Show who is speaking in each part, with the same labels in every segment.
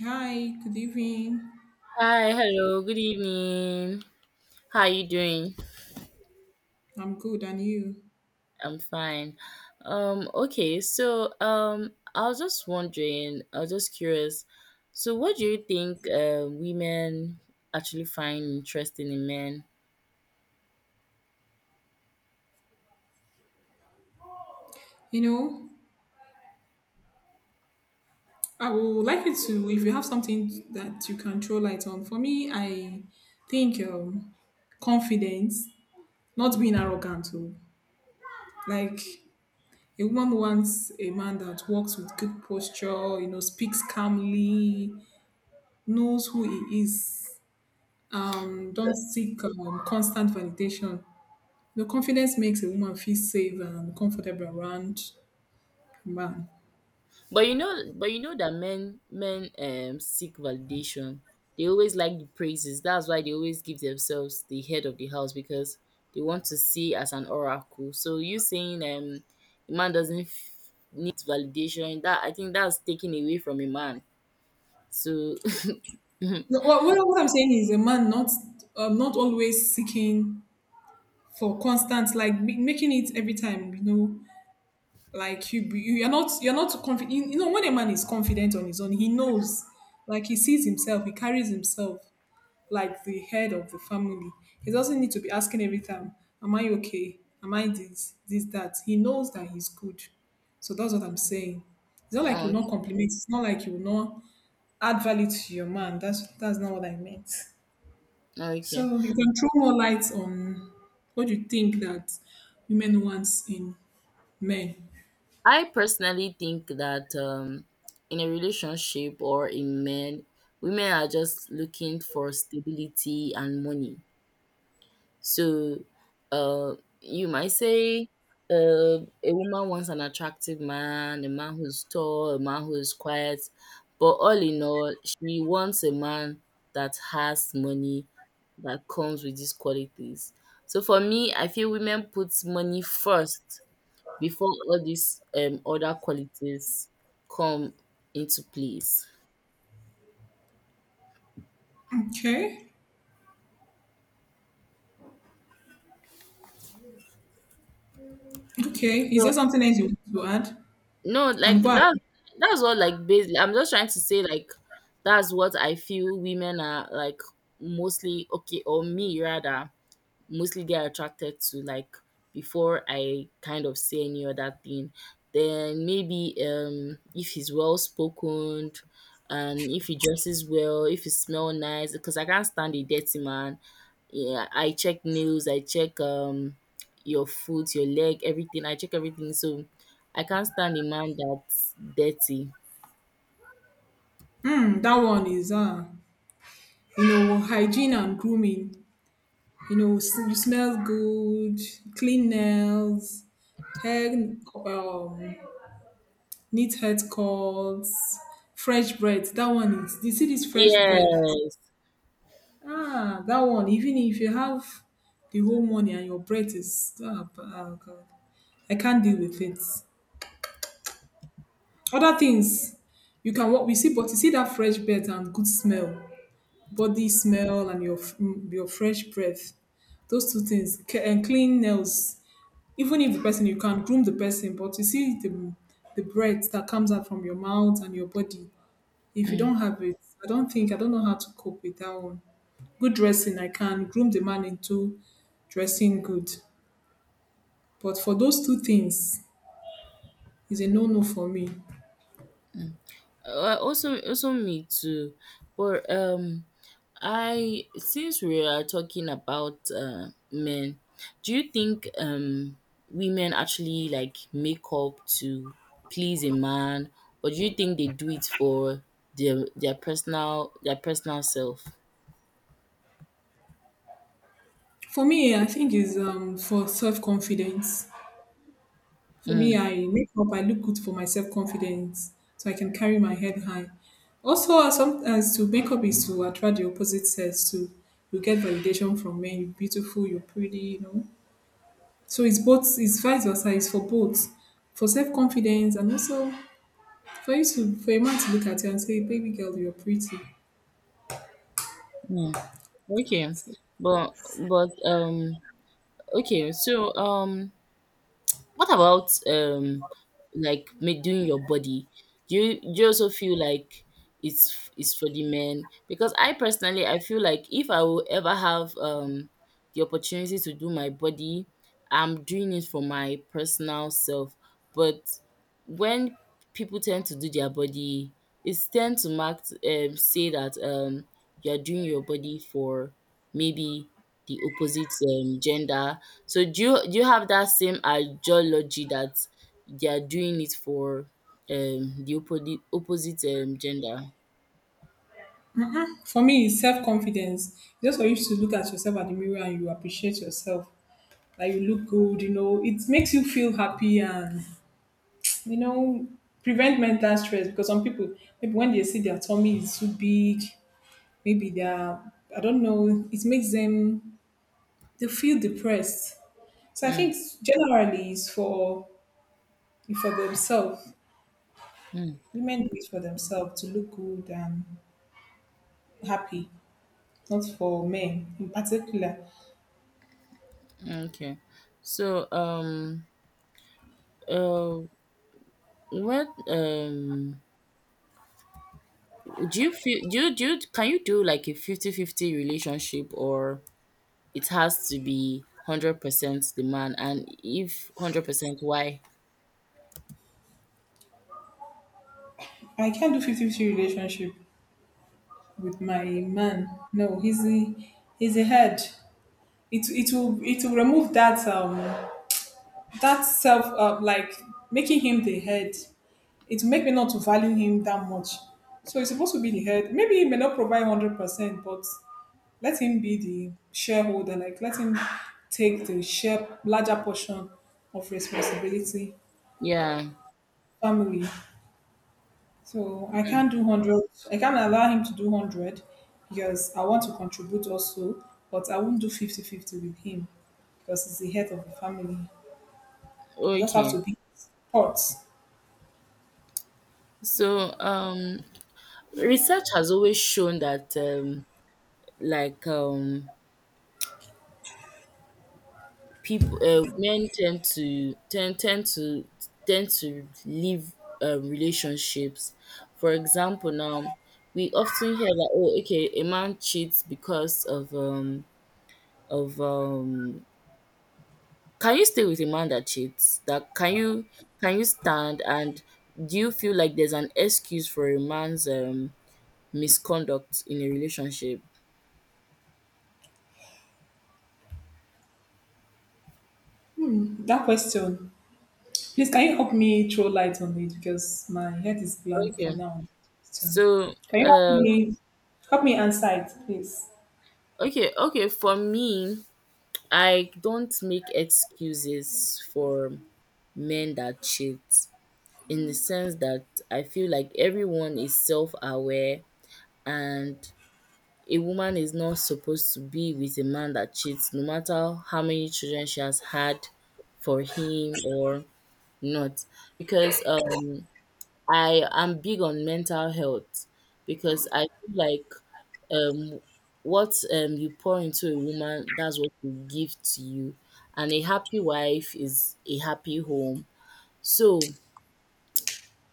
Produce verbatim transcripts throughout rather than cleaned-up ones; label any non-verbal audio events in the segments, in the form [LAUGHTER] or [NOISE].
Speaker 1: Hi, good evening.
Speaker 2: Hi, hello, good evening. How are you doing?
Speaker 1: I'm good, and you?
Speaker 2: I'm fine. Um, okay, so um, I was just wondering, I was just curious. So, what do you think uh, women actually find interesting in men?
Speaker 1: You know, I would like you to, if you have something that you can throw light on. For me, I think um, confidence, not being arrogant. Oh. Like, a woman wants a man that walks with good posture, you know, speaks calmly, knows who he is, um, don't seek um, constant validation. The confidence makes a woman feel safe and comfortable around a man.
Speaker 2: But you know, but you know that men men um seek validation. They always like the praises. That's why they always give themselves the head of the house because they want to see as an oracle. So you saying um a man doesn't f- need validation. That I think that's taken away from a man. So [LAUGHS]
Speaker 1: No. What, what, what I'm saying is a man not um, not always seeking for constant, like, ma- making it every time, you know, like you be- you're not, you're not confident. you, you know when a man is confident on his own, he knows, like, he sees himself, he carries himself like the head of the family. He doesn't need to be asking every time, am I okay, am I this, this, that. He knows that he's good. So that's what I'm saying. It's not like you
Speaker 2: no,
Speaker 1: will not compliment, it's not like you will not add value to your man. That's that's not what I meant.
Speaker 2: okay.
Speaker 1: So you can throw more light on what you think that women wants in men.
Speaker 2: I personally think that um in a relationship or in men, women are just looking for stability and money. So, uh, you might say uh, a woman wants an attractive man, a man who's tall, a man who is quiet, but all in all, she wants a man that has money that comes with these qualities. So for me, I feel women put money first before all these um other qualities come into place.
Speaker 1: Okay. Okay. Is there
Speaker 2: So
Speaker 1: something else you want to add? You
Speaker 2: no,
Speaker 1: can
Speaker 2: like
Speaker 1: go ahead.
Speaker 2: that's that's what, like, basically I'm just trying to say, like that's what I feel women are like mostly, okay, or me rather mostly get attracted to, like before I kind of say any other thing. Then maybe um if he's well spoken and if he dresses well, if he smell nice, because I can't stand a dirty man. Yeah, I check nails, I check um your foot, your leg, everything. I check everything. So I can't stand a man that's dirty.
Speaker 1: Mm, that one is uh, you know, hygiene and grooming. You know, s- you smell good, clean nails, hair, um, neat haircuts, fresh breath. That one is. You see this fresh breath.
Speaker 2: Yes.
Speaker 1: Ah, that one, even if you have the whole money and your breath is ah, b- ah, God. I can't deal with it. Other things you can walk, we see, but you see that fresh breath and good smell, body smell and your f- mm, your fresh breath. Those two things c- and clean nails. Even if the person, you can groom the person, but you see the the breath that comes out from your mouth and your body. If you
Speaker 2: Mm,
Speaker 1: don't have it, I don't think I don't know how to cope with that one. Good dressing, I can groom the man into dressing good, but for those two things, is a no no for me.
Speaker 2: mm. Uh, also also me too. But um I, since we are talking about uh, men, do you think um women actually like make up to please a man, or do you think they do it for their their personal their personal self?
Speaker 1: For me, I think is um for self confidence. For me,
Speaker 2: Mm,
Speaker 1: I make up, I look good for my self confidence, so I can carry my head high. Also, uh, sometimes to make up is to attract the opposite sex too. You get validation from men. You're beautiful. You're pretty. You know. So it's both, it's vice versa, it's for both. For self-confidence and also for you to, for a man to look at you and say, baby girl, you're pretty.
Speaker 2: mm, okay, but but um okay, so um what about um like ma- doing your body? Do you do you also feel like it's it's for the men? Because I personally I feel like if I will ever have um the opportunity to do my body, I'm doing it for my personal self. But when people tend to do their body, it's tend to mark um say that um you're doing your body for maybe the opposite um, gender. So do you do you have that same ideology that they are doing it for um the opposite opposite um gender?
Speaker 1: For me, it's self-confidence. Just for you to look at yourself at the mirror and you appreciate yourself. Like you look good, you know, it makes you feel happy and, you know, prevent mental stress because some people, maybe when they see their tummy is too big, maybe they're, I don't know, it makes them, they feel depressed. So I
Speaker 2: Mm,
Speaker 1: think generally it's for for themselves.
Speaker 2: mm,
Speaker 1: Women do it for themselves to look good and happy, not for men in particular.
Speaker 2: mm, okay. So um uh what um do you feel, do you, do you can you do like a fifty fifty relationship, or it has to be one hundred percent the man, and if one hundred percent, why?
Speaker 1: I can't do fifty-fifty relationship with my man. No, he's a, he's a head. It, it will, it will remove that um that self uh, like making him the head. It will make me not to value him that much. So he's supposed to be the head. Maybe he may not provide hundred percent, but let him be the shareholder. Like let him take the share, larger portion of responsibility
Speaker 2: Yeah,
Speaker 1: family. So I can't do one hundred. I can't allow him to do one hundred because I want to contribute also, but I won't do fifty-fifty with him because he's the head of the family. I just have to
Speaker 2: okay.
Speaker 1: be support.
Speaker 2: So, um, research has always shown that um, like um people uh, men tend to tend tend to tend to leave uh, relationships. For example, now we often hear that, oh, okay, a man cheats because of um of um can you stay with a man that cheats? That can you Can you stand and do you feel like there's an excuse for a man's um misconduct in a relationship?
Speaker 1: That question, please, can you help me throw light on it because my head is blank for
Speaker 2: okay
Speaker 1: now. Question.
Speaker 2: so
Speaker 1: Can you help
Speaker 2: uh
Speaker 1: me, help me answer it, please?
Speaker 2: okay okay for me, I don't make excuses for men that cheat, in the sense that I feel like everyone is self aware, and a woman is not supposed to be with a man that cheats, no matter how many children she has had for him or not. Because um, I am big on mental health, because I feel like um what um you pour into a woman, that's what you give to you, and a happy wife is a happy home. So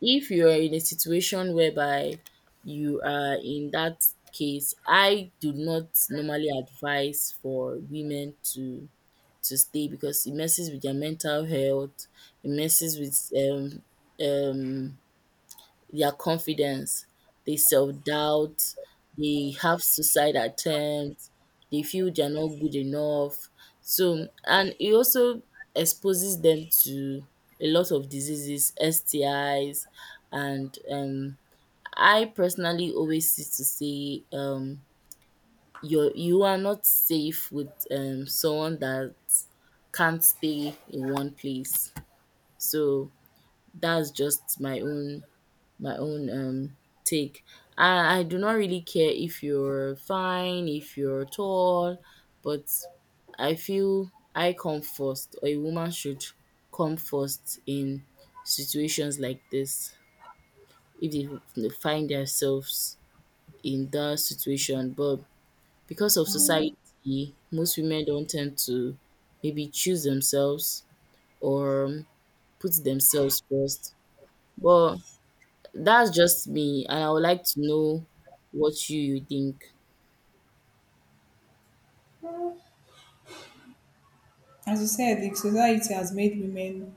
Speaker 2: if you are in a situation whereby you are in that case, I do not normally advise for women to to stay because it messes with their mental health, it messes with um um their confidence, they self doubt, they have suicide attempts, they feel they're not good enough. So, and it also exposes them to a lot of diseases, S T Is, and um, I personally always used to say, um, you're, you are not safe with um, someone that can't stay in one place. So, that's just my own my own um take. I, I do not really care if you're fine, if you're tall, but I feel I come first, or a woman should come first in situations like this, if they they find themselves in that situation. But because of society, most women don't tend to maybe choose themselves or um, put themselves first. But that's just me, and I would like to know what you, you think.
Speaker 1: As you said, the society has made women,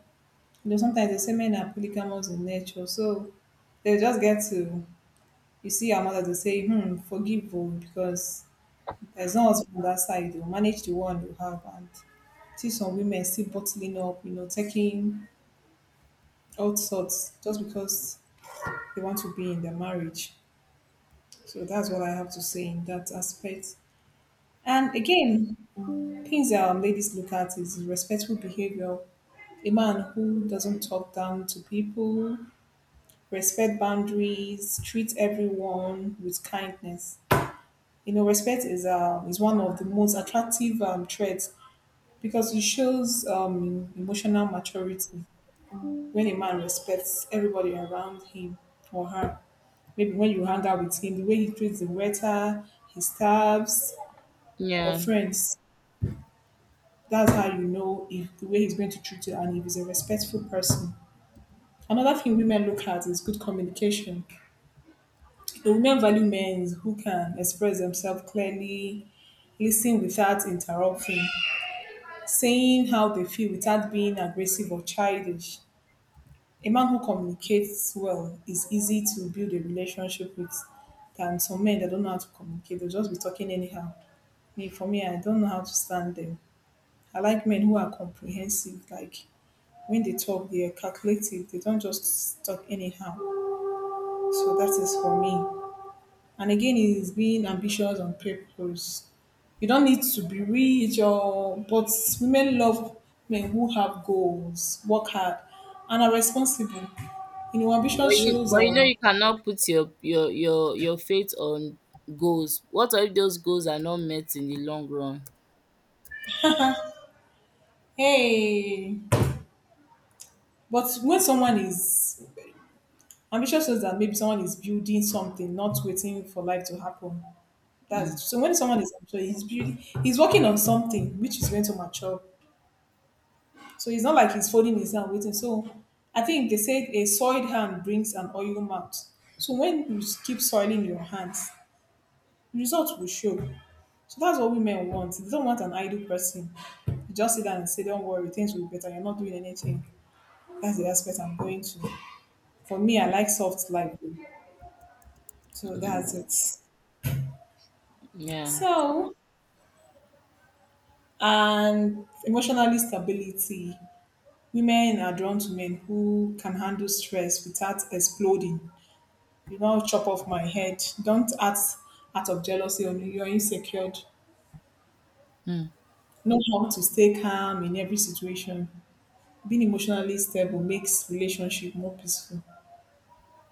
Speaker 1: you know, sometimes they say men are polygamous in nature, so they just get to, you see our mother to say, hmm, forgive oh, because there's no husband on that side. You manage the one you have and see some women still bottling up, you know, taking all sorts just because they want to be in their marriage. So that's what I have to say in that aspect. And again, things that um, ladies look at is respectful behavior. A man who doesn't talk down to people, respect boundaries, treat everyone with kindness. You know, respect is um, is one of the most attractive um, traits because it shows um, emotional maturity. When a man respects everybody around him or her, maybe when you hang out with him, the way he treats the waiter, his staffs, or
Speaker 2: Yeah,
Speaker 1: friends, that's how you know if the way he's going to treat you and if he's a respectful person. Another thing women look at is good communication. The women value men who can express themselves clearly, listen without interrupting, saying how they feel without being aggressive or childish. A man who communicates well is easy to build a relationship with than some men that don't know how to communicate. They'll just be talking anyhow. Me, for me, I don't know how to stand them. I like men who are comprehensive. Like when they talk, they are calculative. They don't just talk anyhow. So that is for me. And again is being ambitious on purpose. You don't need to be rich or, but women love men who have goals, work hard, and are responsible. You know, ambition
Speaker 2: but you,
Speaker 1: shows
Speaker 2: but you know
Speaker 1: um.
Speaker 2: you cannot put your your your your faith on goals. What if those goals are not met in the long run?
Speaker 1: Hey, but when someone is ambitious, shows that maybe someone is building something, not waiting for life to happen. That's
Speaker 2: Mm,
Speaker 1: it. So when someone is ambitious, he's building, he's working on something which is going to mature. So it's not like he's folding his hand waiting. So I think they said a soiled hand brings an oil mouth. So when you keep soiling your hands, results will show. So that's what women want. They don't want an idle person. You just sit down and say, don't worry, things will be better. You're not doing anything. That's the aspect I'm going to. For me, I like soft life. So
Speaker 2: mm,
Speaker 1: that's it.
Speaker 2: yeah,
Speaker 1: So, and emotional stability. Women are drawn to men who can handle stress without exploding. You now chop off my head. Don't act out of jealousy or you're insecure.
Speaker 2: mm,
Speaker 1: Know how to stay calm in every situation. Being emotionally stable makes relationship more peaceful.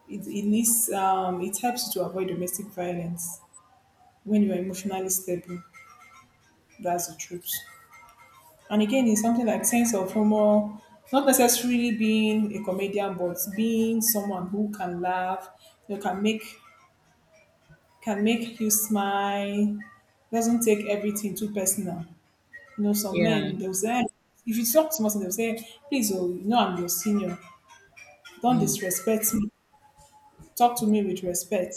Speaker 1: It, it leads, um, it helps you to avoid domestic violence when you are emotionally stable. That's the truth. And again, it's something like sense of humor, not necessarily being a comedian, but being someone who can laugh, you know, can make, can make you smile, doesn't take everything too personal. You know, some
Speaker 2: yeah,
Speaker 1: men they'll say, "Eh, if you talk to me," they'll say, "please, oh, you know I'm your senior. Don't
Speaker 2: mm,
Speaker 1: disrespect me, talk to me with respect."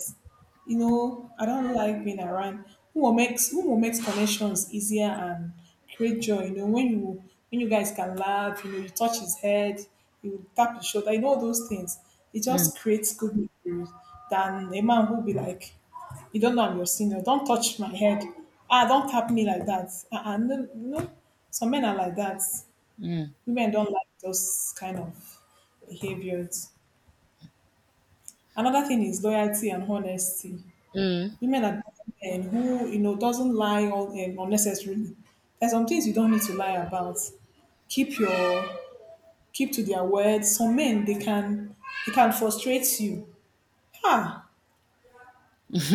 Speaker 1: You know, I don't like being around who will makes who will makes connections easier and create joy. You know, when you, when you guys can laugh, you know, you touch his head, you tap his shoulder, you know all those things. It
Speaker 2: mm,
Speaker 1: just creates good memories than a man who be like, you don't know I'm your senior, don't touch my head. Ah, don't tap me like that. Ah, uh no, no. Some men are like that.
Speaker 2: mm,
Speaker 1: Women don't like those kind of behaviors. Another thing is loyalty and honesty.
Speaker 2: mm.
Speaker 1: Women are and who, you know, doesn't lie all um, unnecessarily. There's some things you don't need to lie about. Keep your, keep to their words. Some men they can they can frustrate you. Ah,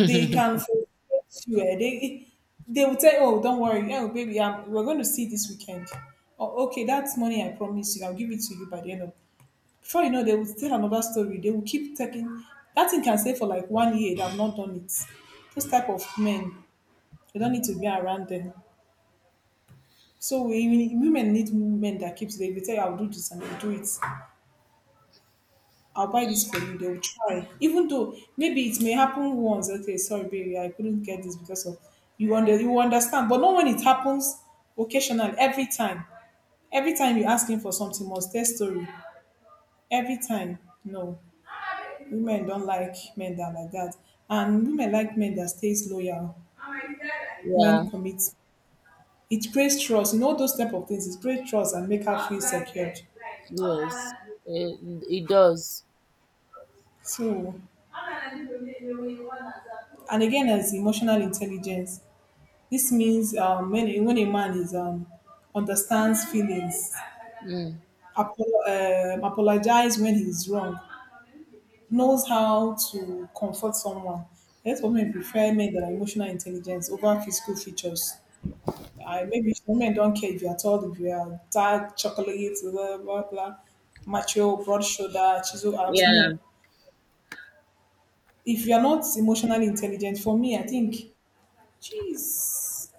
Speaker 1: they can frustrate you. Eh. They they will tell you, oh don't worry, oh baby, um, we're going to see this weekend. Oh okay, that's money, I promise you. I'll give it to you by the end of. Before you know, they will tell another story. They will keep taking. That thing can stay for like one year. They have not done it. Those type of men, you don't need to be around them. So we, even women, need men that keeps them. They tell you, I'll do this and I'll do it. I'll buy this for you. They'll try. Even though maybe it may happen once. Okay, sorry, baby, I couldn't get this because of, you under you understand. But not when it happens occasionally, every time. Every time you ask him for something, must tell story. Every time. No. Women don't like men that are like that. And women like men that stays loyal
Speaker 2: Yeah,
Speaker 1: when commit. It creates trust. You know those type of things. It creates trust and make her feel secured.
Speaker 2: yes, it, it does.
Speaker 1: So and again as emotional intelligence, this means um, when, a, when a man is um, understands feelings,
Speaker 2: Mm,
Speaker 1: apo- um apologize when he's wrong, knows how to comfort someone. That's what men prefer, men that are emotional intelligence over physical features. I, maybe some men don't care if you're tall, if you're dark, chocolate, blah blah blah, macho, broad shoulder, chiseled arms.
Speaker 2: yeah,
Speaker 1: No, if you're not emotionally intelligent, for me, I think, jeez,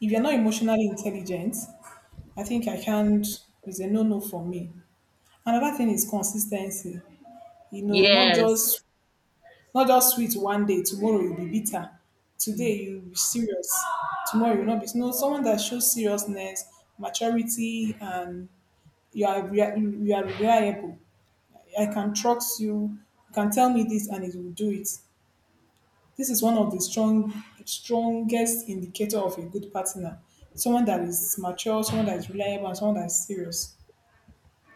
Speaker 1: if you're not emotionally intelligent, I think I can't. It's a no no for me. Another thing is consistency. You know, not
Speaker 2: yes.
Speaker 1: just not just sweet one day, tomorrow you'll be bitter, today
Speaker 2: Mm,
Speaker 1: you will be serious, tomorrow you will not be, no, someone that shows seriousness, maturity, and you are rea- you are, you are reliable. I can trust you. You can tell me this, and it will do it. This is one of the strong strongest indicator of a good partner. Someone that is mature, someone that is reliable, and someone that is serious.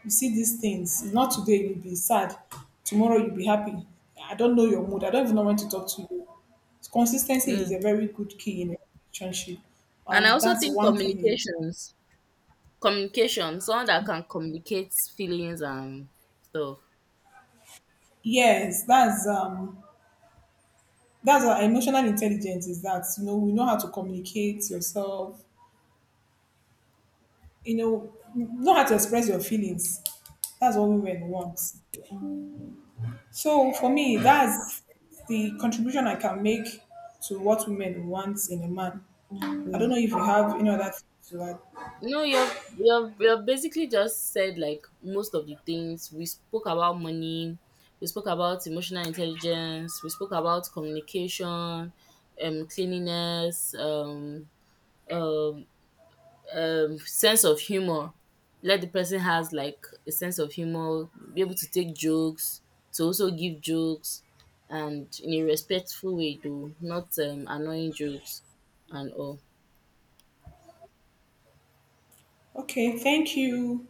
Speaker 1: You see these things. If not today you'll be sad, tomorrow you'll be happy. I don't know your mood. I don't even know when to talk to you. Consistency is
Speaker 2: mm.
Speaker 1: a very good key in a relationship,
Speaker 2: And I
Speaker 1: and
Speaker 2: also
Speaker 1: that's
Speaker 2: think
Speaker 1: one thing.
Speaker 2: communications. Communication, someone that can communicate feelings and stuff.
Speaker 1: Yes, that's um that's our emotional intelligence is that, you know, we know how to communicate yourself, you know know how to express your feelings. That's what women want. So for me, that's the contribution I can make to what women want in a man. I
Speaker 2: Mm.
Speaker 1: don't know if you have any other thing to add.
Speaker 2: No, you've you've you've basically just said like most of the things. We spoke about money, we spoke about emotional intelligence, we spoke about communication, um cleanliness, um um um sense of humor. Let the person has like a sense of humor, be able to take jokes, to also give jokes, and in a respectful way, though not um annoying jokes and all.
Speaker 1: Okay, thank you,